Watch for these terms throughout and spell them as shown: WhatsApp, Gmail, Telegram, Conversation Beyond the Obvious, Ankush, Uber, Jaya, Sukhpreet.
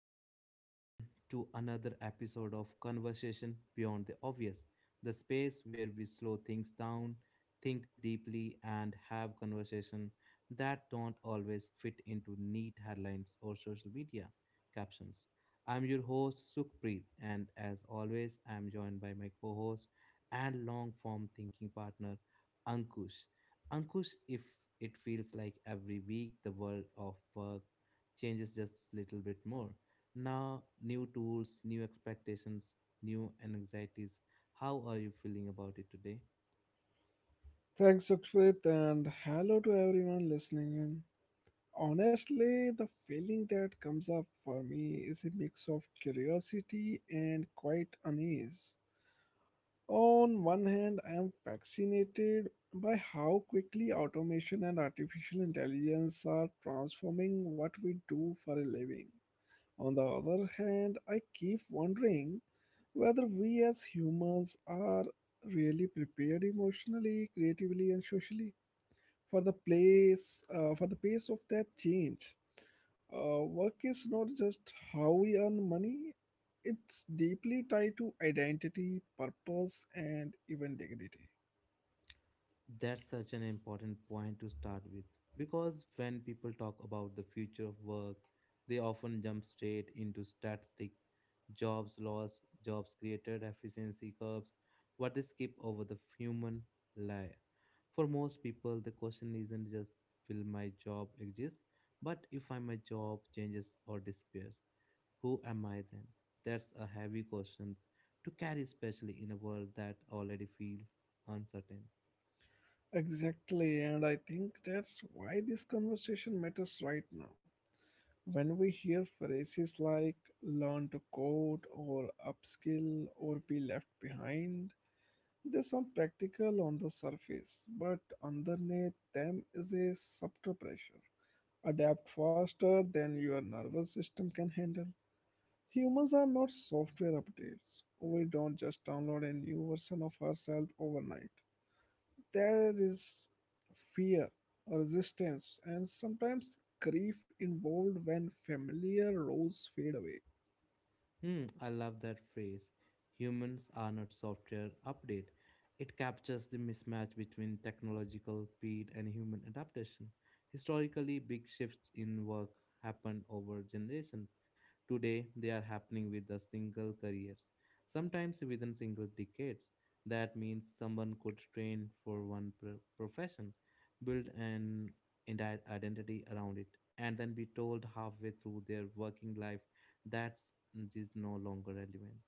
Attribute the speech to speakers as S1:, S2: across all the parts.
S1: Welcome back, everyone, to another episode of Conversation Beyond the Obvious, the space where we slow things down, think deeply, and have conversation that don't always fit into neat headlines or social media captions. I'm your host, Sukhpreet, and as always, I'm joined by my co host and long form thinking partner, Ankush. Ankush, if it feels like every week the world of work changes just a little bit more. Now, new tools, new expectations, new anxieties. How are you feeling about it today?
S2: Thanks, Sukrit, and hello to everyone listening in. Honestly, the feeling that comes up for me is a mix of curiosity and quite unease. On one hand, I am fascinated by how quickly automation and artificial intelligence are transforming what we do for a living. On the other hand, I keep wondering whether we as humans are really prepared emotionally, creatively, and socially for the place for the pace of that change. Work is not just how we earn money; it's deeply tied to identity, purpose, and even dignity.
S1: That's such an important point to start with because when people talk about the future of work, they often jump straight into statistic, jobs lost, jobs created, efficiency curves, what they skip over the human layer. For most people, the question isn't just will my job exist, but if I, my job changes or disappears. Who am I then? That's a heavy question to carry, especially in a world that already feels uncertain.
S2: Exactly, and I think that's why this conversation matters right now. When we hear phrases like learn to code or upskill or be left behind, they sound practical on the surface, but underneath them is a subtle pressure. Adapt faster than your nervous system can handle. Humans are not software updates. We don't just download a new version of ourselves overnight. There is fear, resistance, and sometimes grief involved when familiar roles fade away.
S1: Hmm, I love that phrase. Humans are not software update. It captures the mismatch between technological speed and human adaptation. Historically, big shifts in work happened over generations. Today, they are happening with a single career, sometimes within single decades. That means someone could train for one profession, build an entire identity around it, and then be told halfway through their working life that is no longer relevant.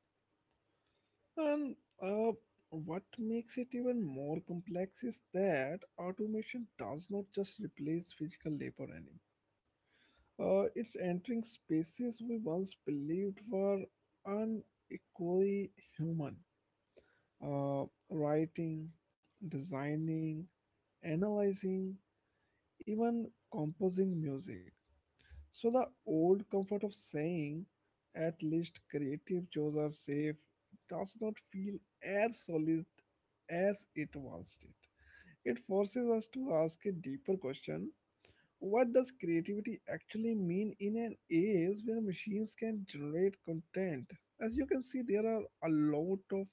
S2: And uh, what makes it even more complex is that automation does not just replace physical labor anymore. It's entering spaces we once believed were unequally human. Uh, Writing, designing, analyzing, even composing music. So the old comfort of saying, at least creative jobs are safe, does not feel as solid as it once did. It forces us to ask a deeper question: what does creativity actually mean in an age where machines can generate content? As you can see, there are a lot of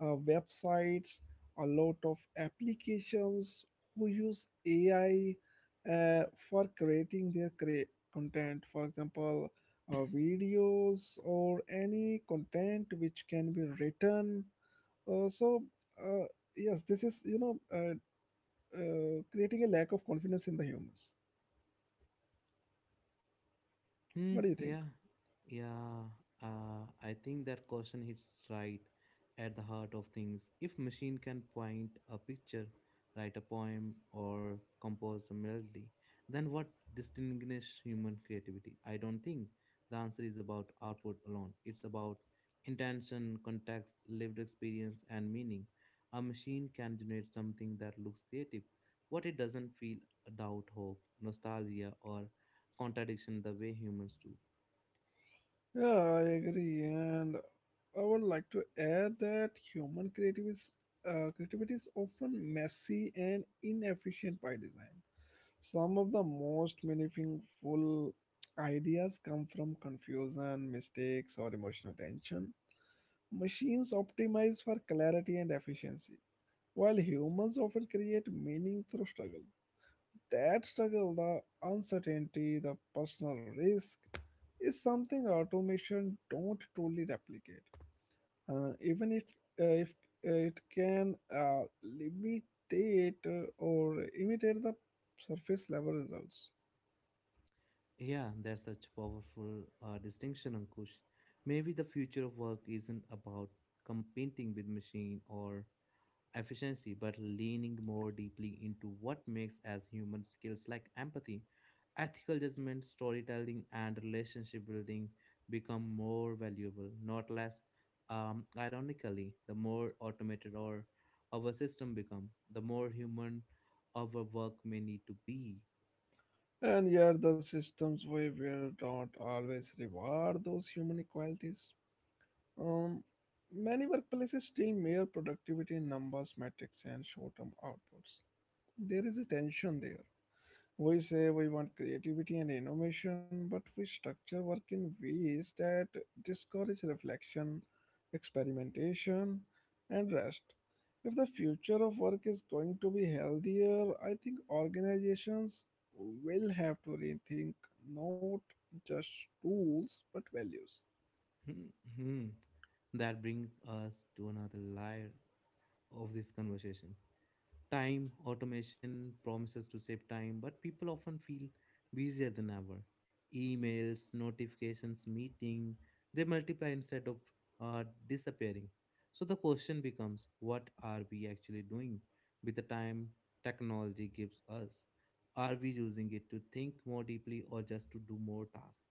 S2: websites, a lot of applications who use AI for creating content. For example, videos or any content which can be written. Uh, so, uh, yes, this is, creating a lack of confidence in the humans.
S1: Hmm,
S2: What do you think?
S1: yeah, yeah. I think that question hits right at the heart of things. If machine can paint a picture, write a poem, or compose a melody, then what distinguishes human creativity? I don't think the answer is about output alone. It's about intention, context, lived experience, and meaning. A machine can generate something that looks creative, what it doesn't feel doubt, hope, nostalgia, or contradiction the way humans do.
S2: Yeah, I agree, and I would like to add that creativity is often messy and inefficient by design. Some of the most meaningful ideas come from confusion, mistakes, or emotional tension. Machines optimize for clarity and efficiency, while humans often create meaning through struggle. That struggle, the uncertainty, the personal risk, is something automation don't truly replicate. Even if it can limitate or imitate the surface level results.
S1: Yeah, that's such a powerful distinction, Ankush. Maybe the future of work isn't about competing with machine or efficiency, but leaning more deeply into what makes as human skills like empathy, ethical judgment, storytelling, and relationship building become more valuable, not less. Ironically, the more automated or our system become, the more human our work may need to be.
S2: And yet the systems we build don't always reward those human qualities. Um, Many workplaces still mere productivity in numbers, metrics, and short-term outputs. There is a tension there. We say we want creativity and innovation, but we structure work in ways that discourage reflection, experimentation, and rest. If the future of work is going to be healthier, I think organizations will have to rethink not just tools but values.
S1: Hmm. That brings us to another layer of this conversation. Time automation promises to save time, but people often feel busier than ever. Emails, notifications, meeting, they multiply instead of disappearing. So the question becomes what are we actually doing with the time technology gives us? Are we using it to think more deeply or just to do more tasks?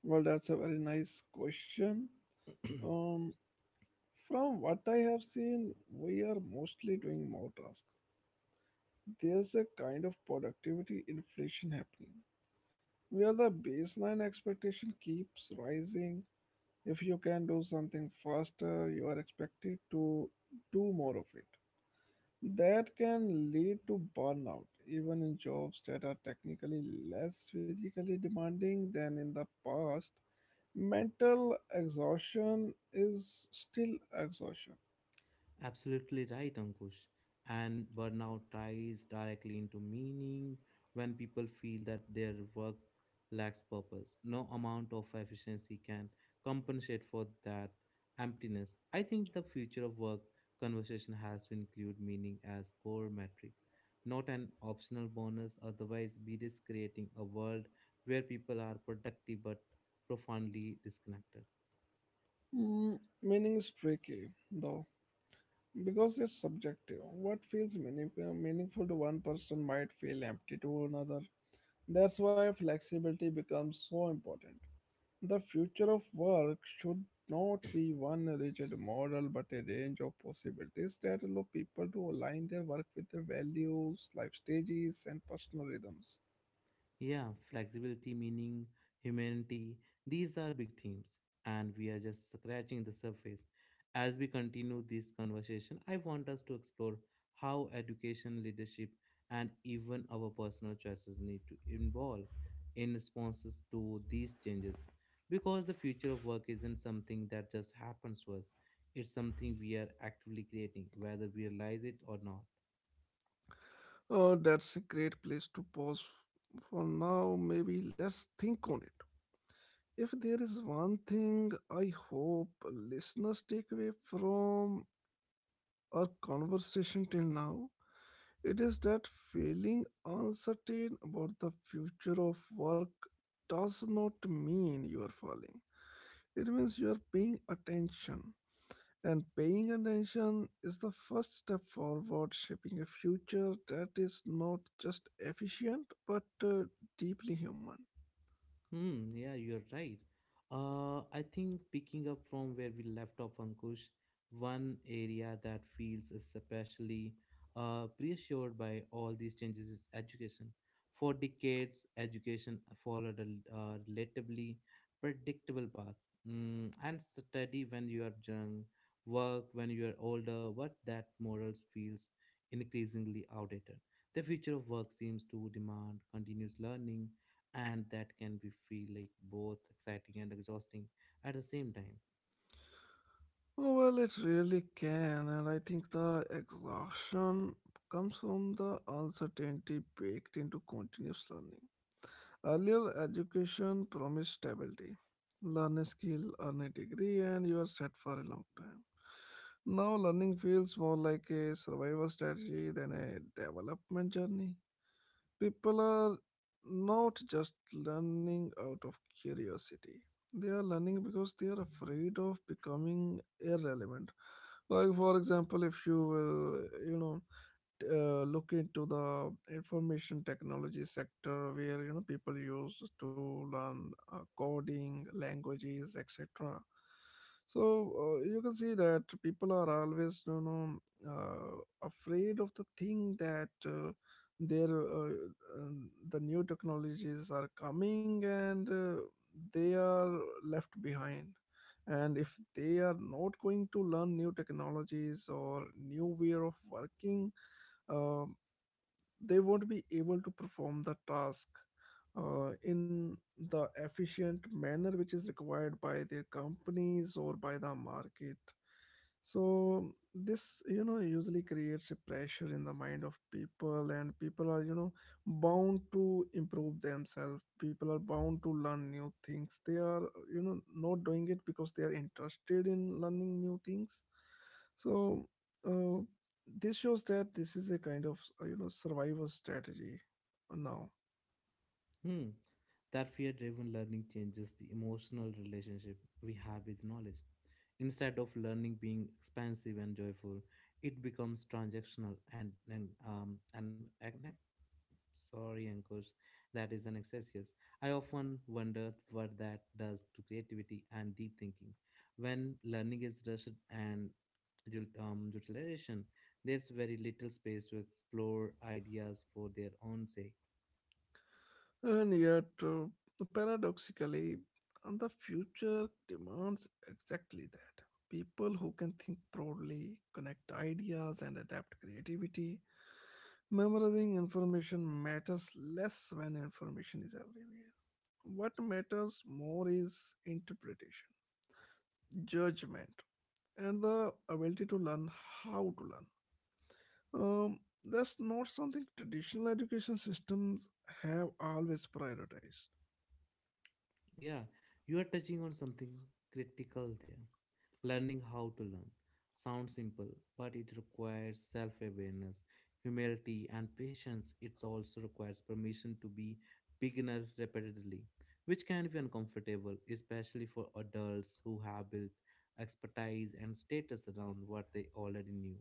S2: Well, that's a very nice question. Um, from what I have seen, we are mostly doing more tasks. There's a kind of productivity inflation happening where the baseline expectation keeps rising. If you can do something faster, you are expected to do more of it. That can lead to burnout, even in jobs that are technically less physically demanding than in the past. Mental exhaustion is still exhaustion.
S1: Absolutely right, Ankush. And burnout ties directly into meaning when people feel that their work lacks purpose. No amount of efficiency can compensate for that emptiness. I think the future of work conversation has to include meaning as core metric, not an optional bonus. Otherwise, we risk creating a world where people are productive but profoundly disconnected.
S2: Mm, meaning is tricky. The Because it's subjective. What feels meaningful to one person might feel empty to another. That's why flexibility becomes so important. The future of work should not be one rigid model but a range of possibilities that allow people to align their work with their values, life stages, and personal rhythms.
S1: Yeah, flexibility, meaning, humanity, these are big themes, and we are just scratching the surface. As we continue this conversation, I want us to explore how education, leadership, and even our personal choices need to evolve in responses to these changes. Because the future of work isn't something that just happens to us, it's something we are actively creating, whether we realize it or not.
S2: Oh, that's a great place to pause for now. Maybe let's think on it. If there is one thing I hope listeners take away from our conversation till now, it is that feeling uncertain about the future of work does not mean you are falling. It means you are paying attention. And paying attention is the first step forward, shaping a future that is not just efficient but deeply human.
S1: Hmm, yeah, you're right. I think picking up from where we left off, Ankush, one area that feels especially reassured by all these changes is education. For decades, education followed a relatively predictable path. Mm, and study when you are young, work when you are older, but that morals feels increasingly outdated. The future of work seems to demand continuous learning and that can be feel like both exciting and exhausting at the same time.
S2: Well, it really can, and I think the exhaustion comes from the uncertainty baked into continuous learning. Earlier education promised stability. Learn a skill, earn a degree, and you are set for a long time. Now, learning feels more like a survival strategy than a development journey. People are not just learning out of curiosity, they are learning because they are afraid of becoming irrelevant. Like, for example, if you will, you know, look into the information technology sector where you know people use to learn coding languages etc, so you can see that people are always you know uh, afraid of the thing that their uh, uh, the new technologies are coming and they are left behind, and if they are not going to learn new technologies or new way of working, um, they won't be able to perform the task in the efficient manner which is required by their companies or by the market. So this, you know, usually creates a pressure in the mind of people, and people are, you know, bound to improve themselves. People are bound to learn new things. They are, you know, not doing it because they are interested in learning new things. So, uh, this shows that this is a kind of you know survival strategy now,
S1: Hmm. That fear driven learning changes the emotional relationship we have with knowledge. Instead of learning being expansive and joyful, it becomes transactional and Sorry, Ankush, that is an excess. I often wonder what that does to creativity and deep thinking. When learning is rushed and utilization, there's very little space to explore ideas for their own sake.
S2: and yet paradoxically, and the future demands exactly that. People who can think broadly, connect ideas, and adapt creativity. Memorizing information matters less when information is everywhere. What matters more is interpretation, judgment, and the ability to learn how to learn. Um, that's not something traditional education systems have always prioritized.
S1: Yeah, you are touching on something critical there. Learning how to learn. Sounds simple, but it requires self awareness, humility, and patience. It also requires permission to be beginner repeatedly, which can be uncomfortable, especially for adults who have built expertise and status around what they already knew.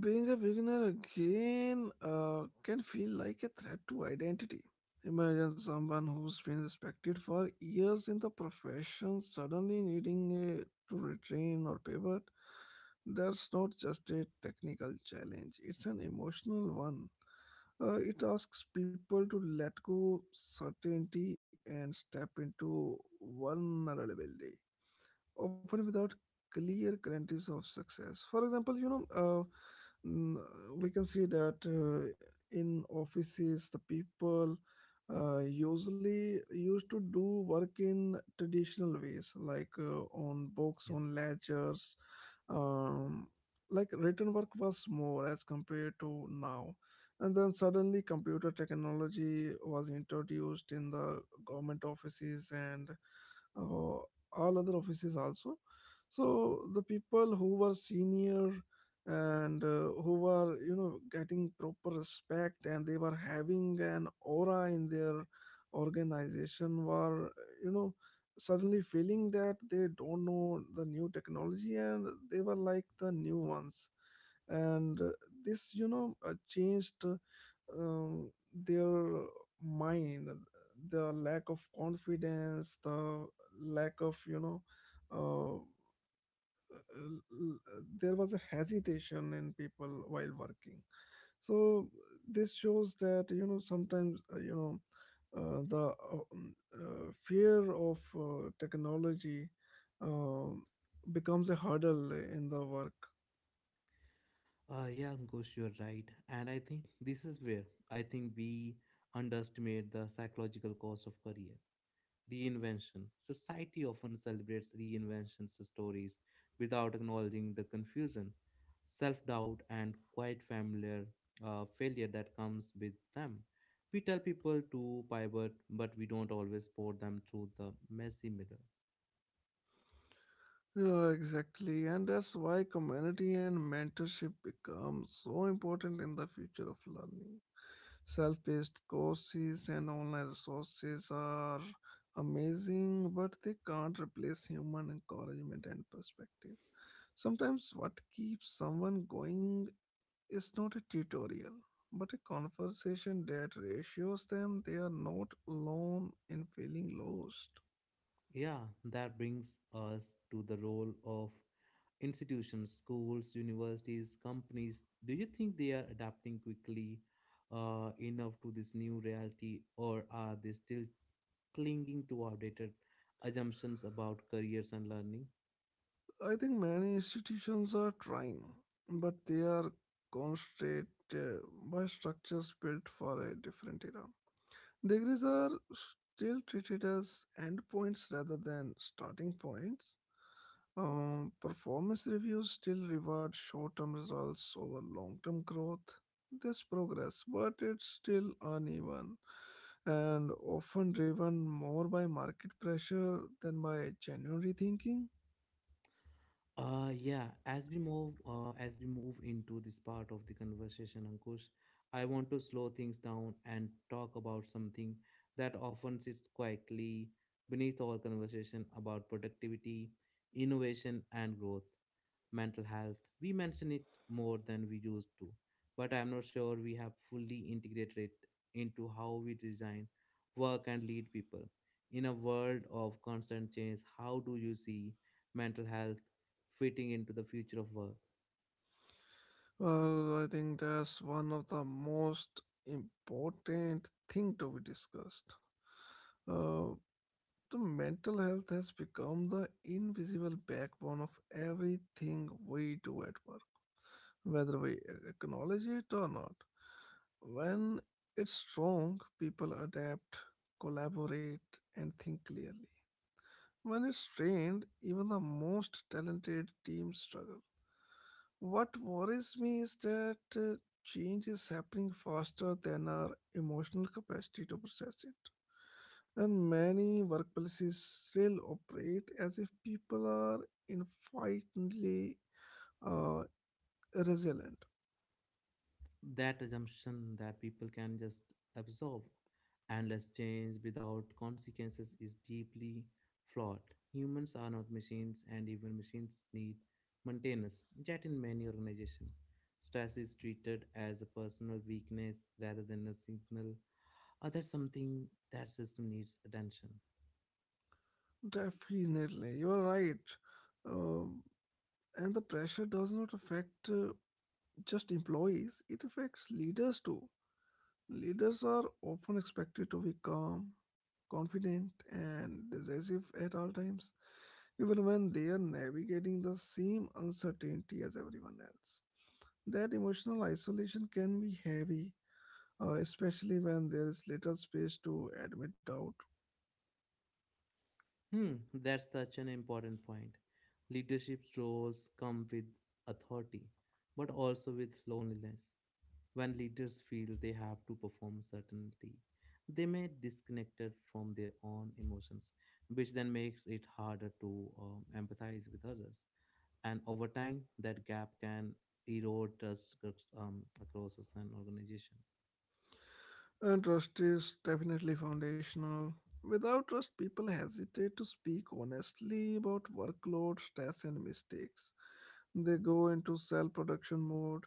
S2: Being a beginner again can feel like a threat to identity. Imagine someone who's been respected for years in the profession suddenly needing a, to retrain or pivot. That's not just a technical challenge, it's an emotional one. It asks people to let go certainty and step into vulnerability often without clear guarantees of success. For example, you know, we can see that in offices, the people usually used to do work in traditional ways, like on books,
S1: Yep.
S2: on ledgers. Um, like written work was more as compared to now. And then suddenly, computer technology was introduced in the government offices and uh, all other offices also. So the people who were senior and who were you know getting proper respect and they were having an aura in their organization were you know suddenly feeling that they don't know the new technology and they were like the new ones, and this you know changed their mind, the lack of confidence, the lack of, you know, uh, there was a hesitation in people while working. So this shows that, you know, sometimes, you know, the fear of technology um becomes a hurdle in the work.
S1: Yeah, Ankush, you're right. And I think this is where I think we underestimate the psychological cost of career reinvention. Society often celebrates reinvention stories without acknowledging the confusion, self doubt, and quite familiar failure that comes with them. We tell people to pivot, but we don't always support them through the messy middle.
S2: Yeah, exactly. And that's why community and mentorship become so important in the future of learning. Self-paced courses and online resources are amazing, but they can't replace human encouragement and perspective. Sometimes what keeps someone going is not a tutorial, but a conversation that reassures them they are not alone in feeling lost.
S1: Yeah, that brings us to the role of institutions, schools, universities, companies. Do you think they are adapting quickly enough to this new reality, or are they still clinging to outdated assumptions about careers and learning?
S2: I think many institutions are trying, but they are constrained by structures built for a different era. Degrees are still treated as endpoints rather than starting points. Performance reviews still reward short term results over long term growth. There's progress, but it's still uneven and often driven more by market pressure than by genuine rethinking.
S1: Yeah, as we move into this part of the conversation, Ankush, I want to slow things down and talk about something that often sits quietly beneath our conversation about productivity, innovation, and growth. Mental health. We mention it more than we used to, but I'm not sure we have fully integrated it into how we design, work, and lead people. In a world of constant change, how do you see mental health fitting into the future of work?
S2: Well, I think that's one of the most important thing to be discussed. Uh, The mental health has become the invisible backbone of everything we do at work, whether we acknowledge it or not. When it's strong, people adapt, collaborate, and think clearly. When it's strained, even the most talented teams struggle. What worries me is that change is happening faster than our emotional capacity to process it. And many workplaces still operate as if people are infinitely uh, resilient.
S1: That assumption that people can just absorb endless change without consequences is deeply flawed. Humans are not machines, and even machines need maintenance. Yet, in many organizations, stress is treated as a personal weakness rather than a signal, or that something that system needs attention.
S2: Definitely, you're right. Um, and the pressure does not affect just employees, it affects leaders too. Leaders are often expected to be calm, confident, and decisive at all times, even when they are navigating the same uncertainty as everyone else. That emotional isolation can be heavy, especially when there is little space to admit doubt.
S1: Hmm, that's such an important point. Leadership's roles come with authority, but also with loneliness. When leaders feel they have to perform certainty, they may disconnected from their own emotions, which then makes it harder to empathize with others. And over time, that gap can erode trust across across an organization.
S2: And trust is definitely foundational. Without trust, people hesitate to speak honestly about workload, stress, and mistakes. They go into self production mode,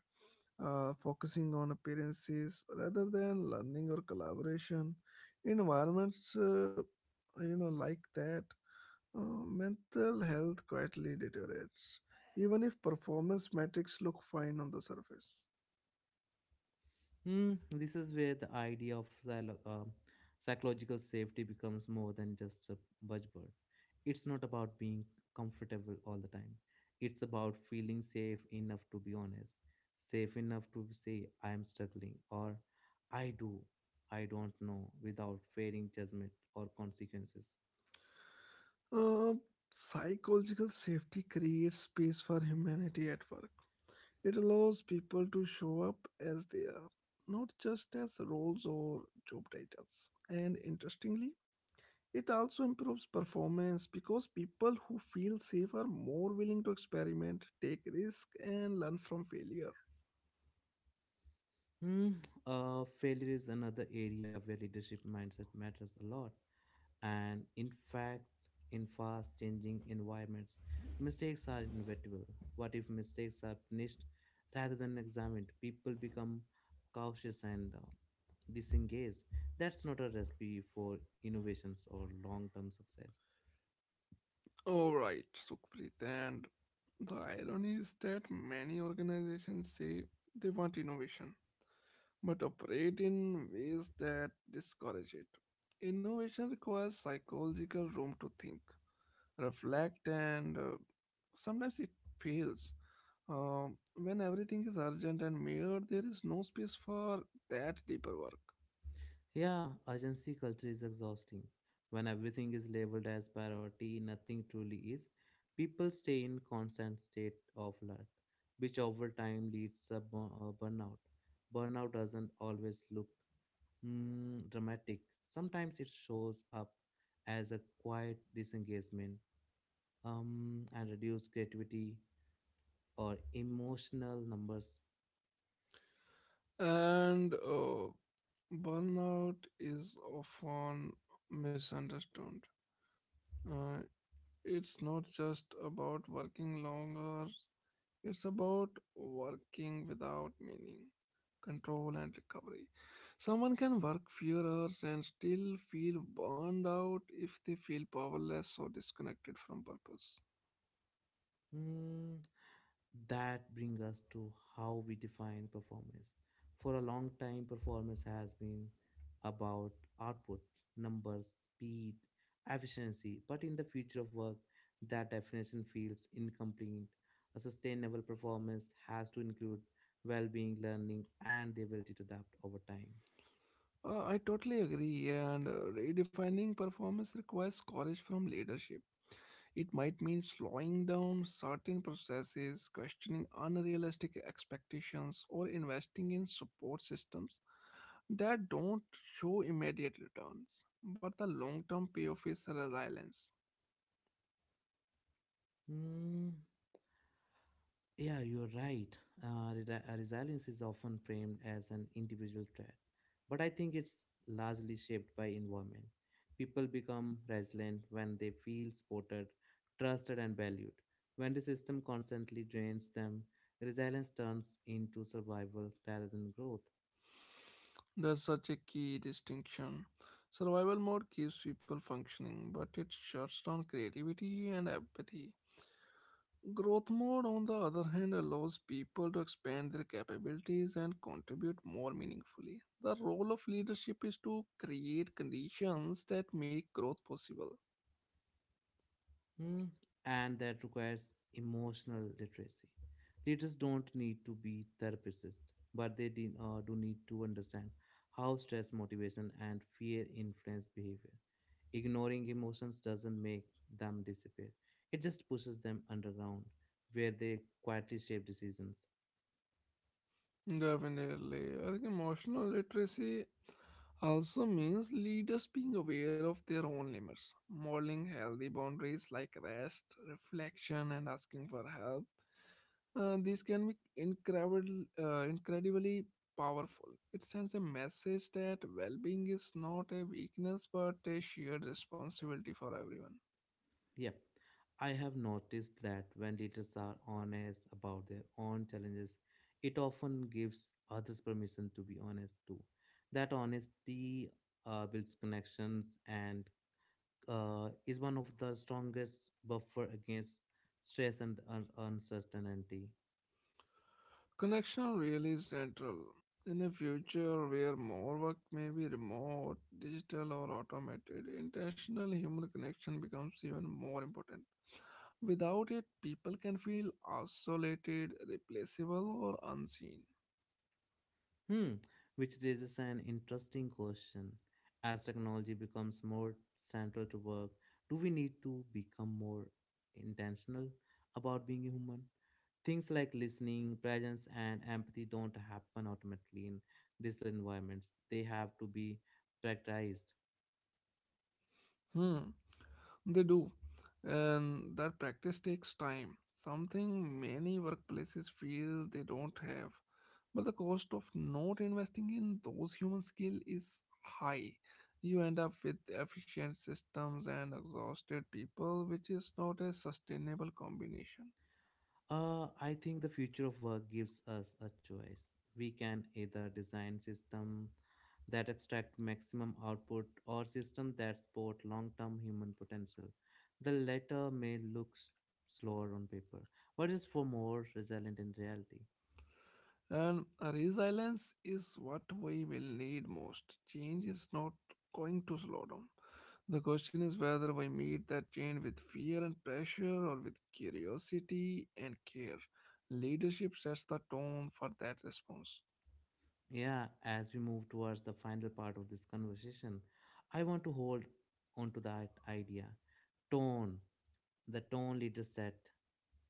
S2: focusing on appearances rather than learning or collaboration. Environments, you know, like that. Uh, Mental health quietly deteriorates, even if performance metrics look fine on the surface.
S1: Hmm, this is where the idea of psychological safety becomes more than just a buzzword. It's not about being comfortable all the time. It's about feeling safe enough to be honest, safe enough to say, I am struggling, or I do, I don't know, without fearing judgment or consequences.
S2: Uh, Psychological safety creates space for humanity at work. It allows people to show up as they are, not just as roles or job titles. And interestingly, it also improves performance because people who feel safe are more willing to experiment, take risks, and learn from failure.
S1: Hmm, failure is another area where leadership mindset matters a lot. And in fact, in fast changing environments, mistakes are inevitable. What if mistakes are punished rather than examined? People become cautious and disengaged. That's not a recipe for innovations or long term success.
S2: All right, Sukhpreet. And the irony is that many organizations say they want innovation, but operate in ways that discourage it. Innovation requires psychological room to think, reflect, and sometimes it fails. When everything is urgent and mere, there is no space for that deeper work.
S1: Yeah, urgency culture is exhausting. When everything is labeled as priority, nothing truly is. People stay in constant state of alert, which over time leads to burnout. Burnout doesn't always look mm, dramatic. Sometimes it shows up as a quiet disengagement and reduced creativity or emotional numbers.
S2: And burnout is often misunderstood. Uh, it's not just about working longer, it's about working without meaning, control, and recovery. Someone can work fewer hours and still feel burned out if they feel powerless or disconnected from purpose.
S1: Hmm, that brings us to how we define performance. For a long time, performance has been about output, numbers, speed, efficiency, but in the future of work, that definition feels incomplete. A sustainable performance has to include well being, learning, and the ability to adapt over time.
S2: I totally agree, and redefining performance requires courage from leadership. It might mean slowing down certain processes, questioning unrealistic expectations, or investing in support systems that don't show immediate returns. But the long term payoff is resilience.
S1: Hmm. Yeah, you're right. Resilience is often framed as an individual trait, but I think it's largely shaped by environment. People become resilient when they feel supported, trusted, and valued. When the system constantly drains them, resilience turns into survival rather than growth.
S2: That's such a key distinction. Survival mode keeps people functioning, but it shuts down creativity and empathy. Growth mode, on the other hand, allows people to expand their capabilities and contribute more meaningfully. The role of leadership is to create conditions that make growth possible.
S1: Mm, and that requires emotional literacy. Leaders don't need to be therapists, but they do need to understand how stress, motivation, and fear influence behavior. Ignoring emotions doesn't make them disappear, it just pushes them underground where they quietly shape decisions.
S2: Definitely. I think emotional literacy also means leaders being aware of their own limits, modeling healthy boundaries like rest, reflection, and asking for help. This can be incredibly powerful. It sends a message that well being is not a weakness but a shared responsibility for everyone.
S1: Yep. I have noticed that when leaders are honest about their own challenges, it often gives others permission to be honest too. That honesty builds connections and is one of the strongest buffer against stress and uncertainty.
S2: Connection really is central. In a future where more work may be remote, digital, or automated, intentional human connection becomes even more important. Without it, people can feel isolated, replaceable, or unseen.
S1: Hmm, which raises an interesting question. As technology becomes more central to work, do we need to become more intentional about being human? Things like listening, presence, and empathy don't happen automatically in digital environments. They have to be practiced.
S2: Hmm. They do, and that practice takes time, something many workplaces feel they don't have. But the cost of not investing in those human skills is high. You end up with efficient systems and exhausted people, which is not a sustainable combination.
S1: I think the future of work gives us a choice. We can either design system that extract maximum output or system that support long-term human potential. The latter may look slower on paper, but is for more resilient in reality.
S2: And resilience is what we will need most. Change is not going to slow down. The question is whether we meet that change with fear and pressure or with curiosity and care. Leadership sets the tone for that response.
S1: Yeah, as we move towards the final part of this conversation, I want to hold on to that idea. Tone, the tone leaders set,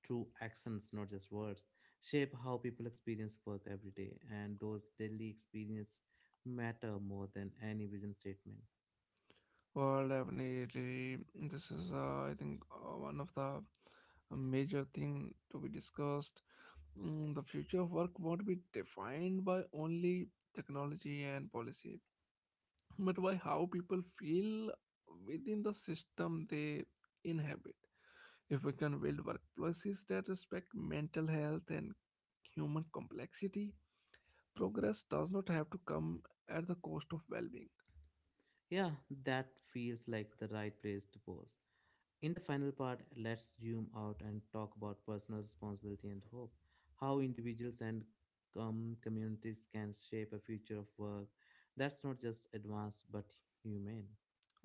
S1: true accents, not just words, shape how people experience work every day, and those daily experience matter more than any vision statement.
S2: Well, definitely, this is, I think, one of the major thing to be discussed. Mm, the future of work won't be defined by only technology and policy but by how people feel within the system they inhabit. If we can build workplaces that respect mental health and human complexity, progress does not have to come at the cost of well being.
S1: Yeah, that feels like the right place to pause. In the final part, let's zoom out and talk about personal responsibility and hope. How individuals and communities can shape a future of work that's not just advanced but humane.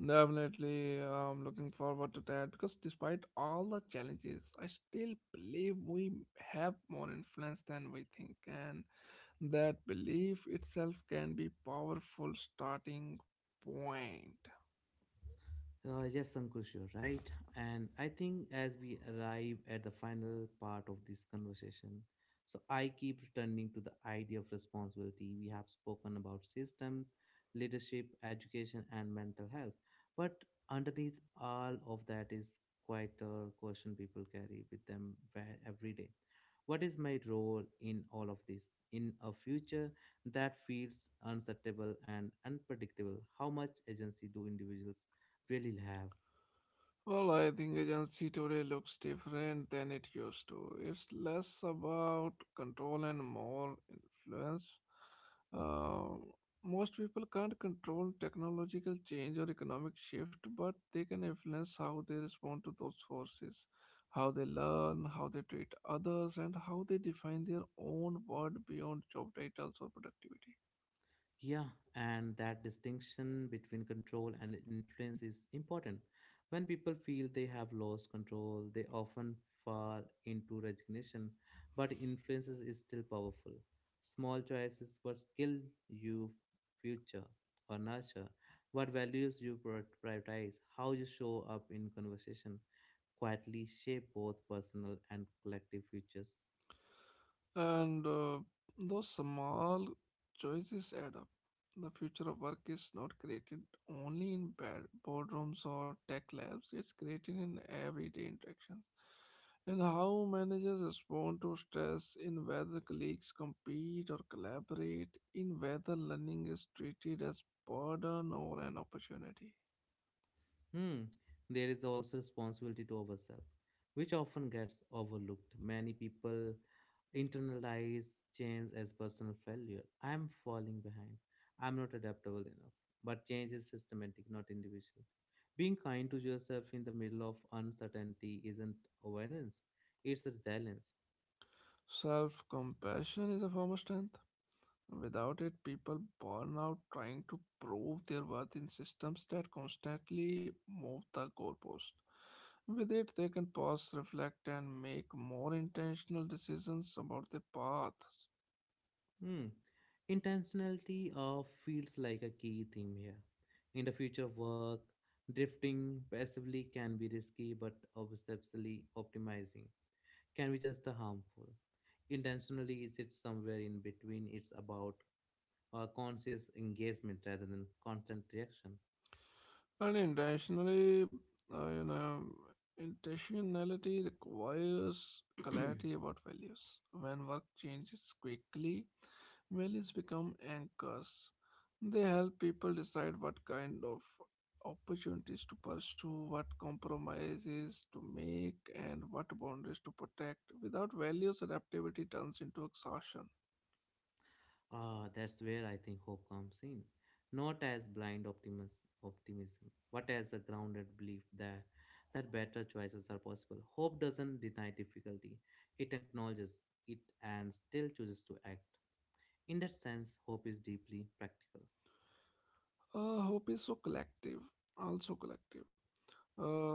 S2: Definitely, I'm looking forward to that because despite all the challenges, I still believe we have more influence than we think. And that belief itself can be powerful starting point.
S1: Yes, Ankush, you're right. And I think as we arrive at the final part of this conversation, I keep returning to the idea of responsibility. We have spoken about systems, leadership, education, and mental health. But underneath all of that is quite a question people carry with them every day: what is my role in all of this? In a future that feels uncertainable and unpredictable, how much agency do individuals really have?
S2: Well, I think agency today looks different than it used to. It's less about control and more influence. Uh, Most people can't control technological change or economic shift, but they can influence how they respond to those forces, how they learn, how they treat others, and how they define their own world beyond job titles or productivity.
S1: Yeah, and that distinction between control and influence is important. When people feel they have lost control, they often fall into resignation, but influence is still powerful. Small choices: what skill you future or nurture, what values you prioritize, how you show up in conversation, quietly shape both personal and collective futures.
S2: And those small choices add up. The future of work is not created only in bed, boardrooms or tech labs, it's created in everyday interactions. In how managers respond to stress, in whether colleagues compete or collaborate, in whether learning is treated as burden or an opportunity.
S1: Hmm, there is also responsibility to ourselves, which often gets overlooked. Many people internalize change as personal failure. I'm falling behind. I'm not adaptable enough. But change is systematic, not individual. Being kind to yourself in the middle of uncertainty isn't awareness, it's resilience.
S2: Self compassion is a form of strength. Without it, people burn out trying to prove their worth in systems that constantly move the goalpost. With it, they can pause, reflect, and make more intentional decisions about their path.
S1: Hmm. Intentionality feels like a key theme here. In the future work, drifting passively can be risky but obsessively optimizing can be just a harmful. Intentionally sits somewhere in between. It's about conscious engagement rather than constant reaction.
S2: And uh, you know, intentionality requires clarity about values. When work changes quickly, values become anchors. They help people decide what kind of opportunities to pursue, what compromises to make, and what boundaries to protect. Without values, adaptability turns into exhaustion.
S1: Ah, that's where I think hope comes in. Not as blind optimism, but as a grounded belief that better choices are possible. Hope doesn't deny difficulty, it acknowledges it and still chooses to act. In that sense, hope is deeply practical.
S2: Hope is so collective. Uh,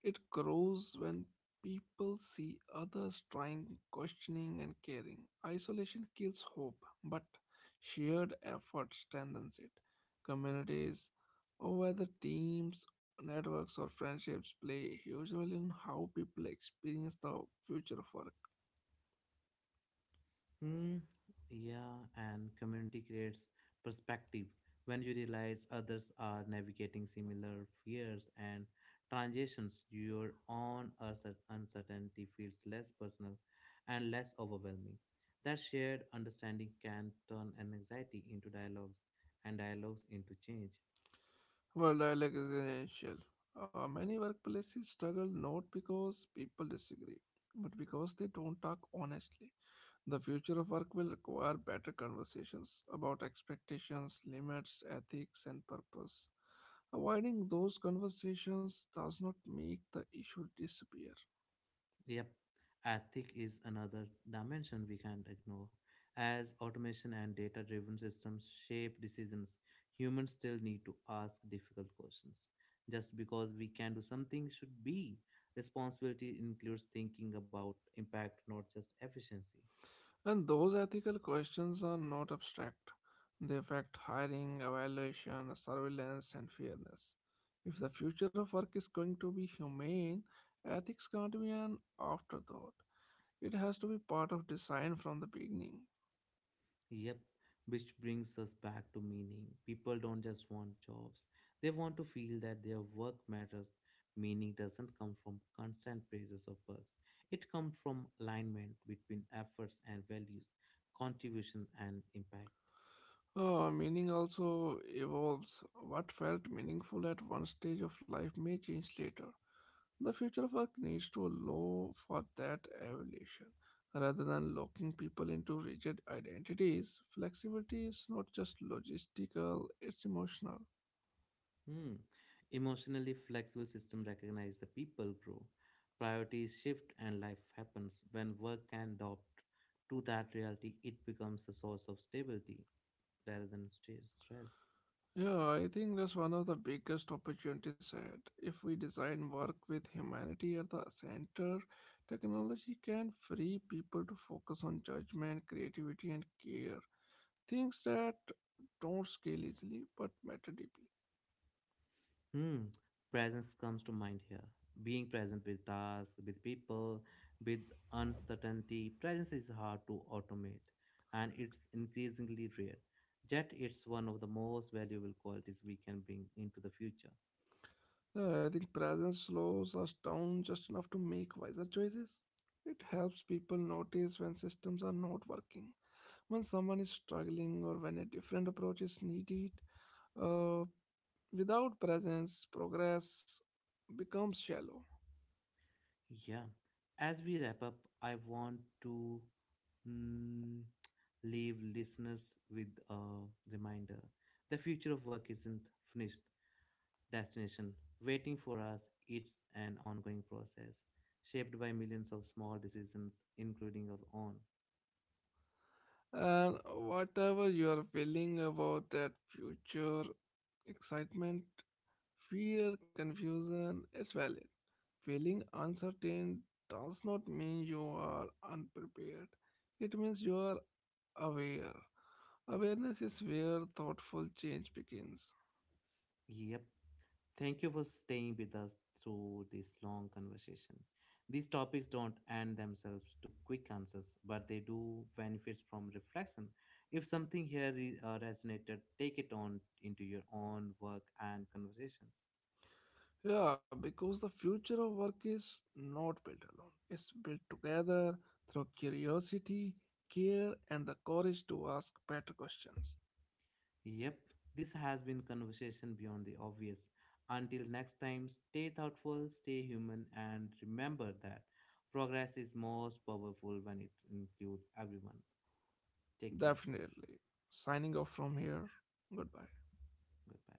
S2: It grows when people see others trying, questioning, and caring. Isolation kills hope, but shared effort strengthens it. Communities, or whether teams, networks, or friendships, play a huge role in how people experience the future of work.
S1: Hmm, yeah, and community creates perspective when you realize others are navigating similar fears and transitions. Your own uncertainty feels less personal and less overwhelming. That shared understanding can turn an anxiety into dialogues and dialogues into change.
S2: Well, dialogue is essential. Many workplaces struggle not because people disagree, but because they don't talk honestly. The future of work will require better conversations about expectations, limits, ethics, and purpose. Avoiding those conversations does not make the issue disappear.
S1: Yep, ethic is another dimension we can't ignore. As automation and data driven systems shape decisions, humans still need to ask difficult questions. Just because we can do something should be. Responsibility includes thinking about impact, not just efficiency.
S2: And those ethical questions are not abstract. They affect hiring, evaluation, surveillance, and fairness. If the future of work is going to be humane, ethics can't be an afterthought. It has to be part of design from the beginning.
S1: Yep, which brings us back to meaning. People don't just want jobs, they want to feel that their work matters. Meaning doesn't come from constant praises or perks, it comes from alignment between efforts and values, contribution and impact.
S2: Meaning also evolves. What felt meaningful at one stage of life may change later. The future of work needs to allow for that evolution. Rather than locking people into rigid identities, flexibility is not just logistical, it's emotional.
S1: Hmm. Emotionally flexible system recognize the people grow, priorities shift, and life happens. When work can adopt to that reality, it becomes a source of stability rather than stress.
S2: Yeah, I think that's one of the biggest opportunities ahead. If we design work with humanity at the center, technology can free people to focus on judgment, creativity, and care. Things that don't scale easily but matter deeply.
S1: Hmm, presence comes to mind here. Being present with tasks, with people, with uncertainty. Presence is hard to automate and it's increasingly rare. Yet, it's one of the most valuable qualities we can bring into the future.
S2: I think presence slows us down just enough to make wiser choices. It helps people notice when systems are not working, when someone is struggling, or when a different approach is needed. Uh, Without presence, progress becomes shallow.
S1: Yeah. As we wrap up, I want to mm, leave listeners with a reminder: the future of work isn't finished, destination waiting for us. It's an ongoing process shaped by millions of small decisions, including our own.
S2: And whatever you are feeling about that future, excitement, fear, confusion, it's valid. Feeling uncertain does not mean you are unprepared. It means you are aware. Awareness is where thoughtful change begins.
S1: Yep. Thank you for staying with us through this long conversation. These topics don't end themselves to quick answers, but they do benefit from reflection. If something here resonated, take it on into your own work and conversations.
S2: Yeah, because the future of work is not built alone. It's built together through curiosity, care, and the courage to ask better questions.
S1: Yep, this has been Conversation Beyond the Obvious. Until next time, stay thoughtful, stay human, and remember that progress is most powerful when it includes everyone. Take care.
S2: Definitely. Signing off from here. Goodbye.
S1: Goodbye.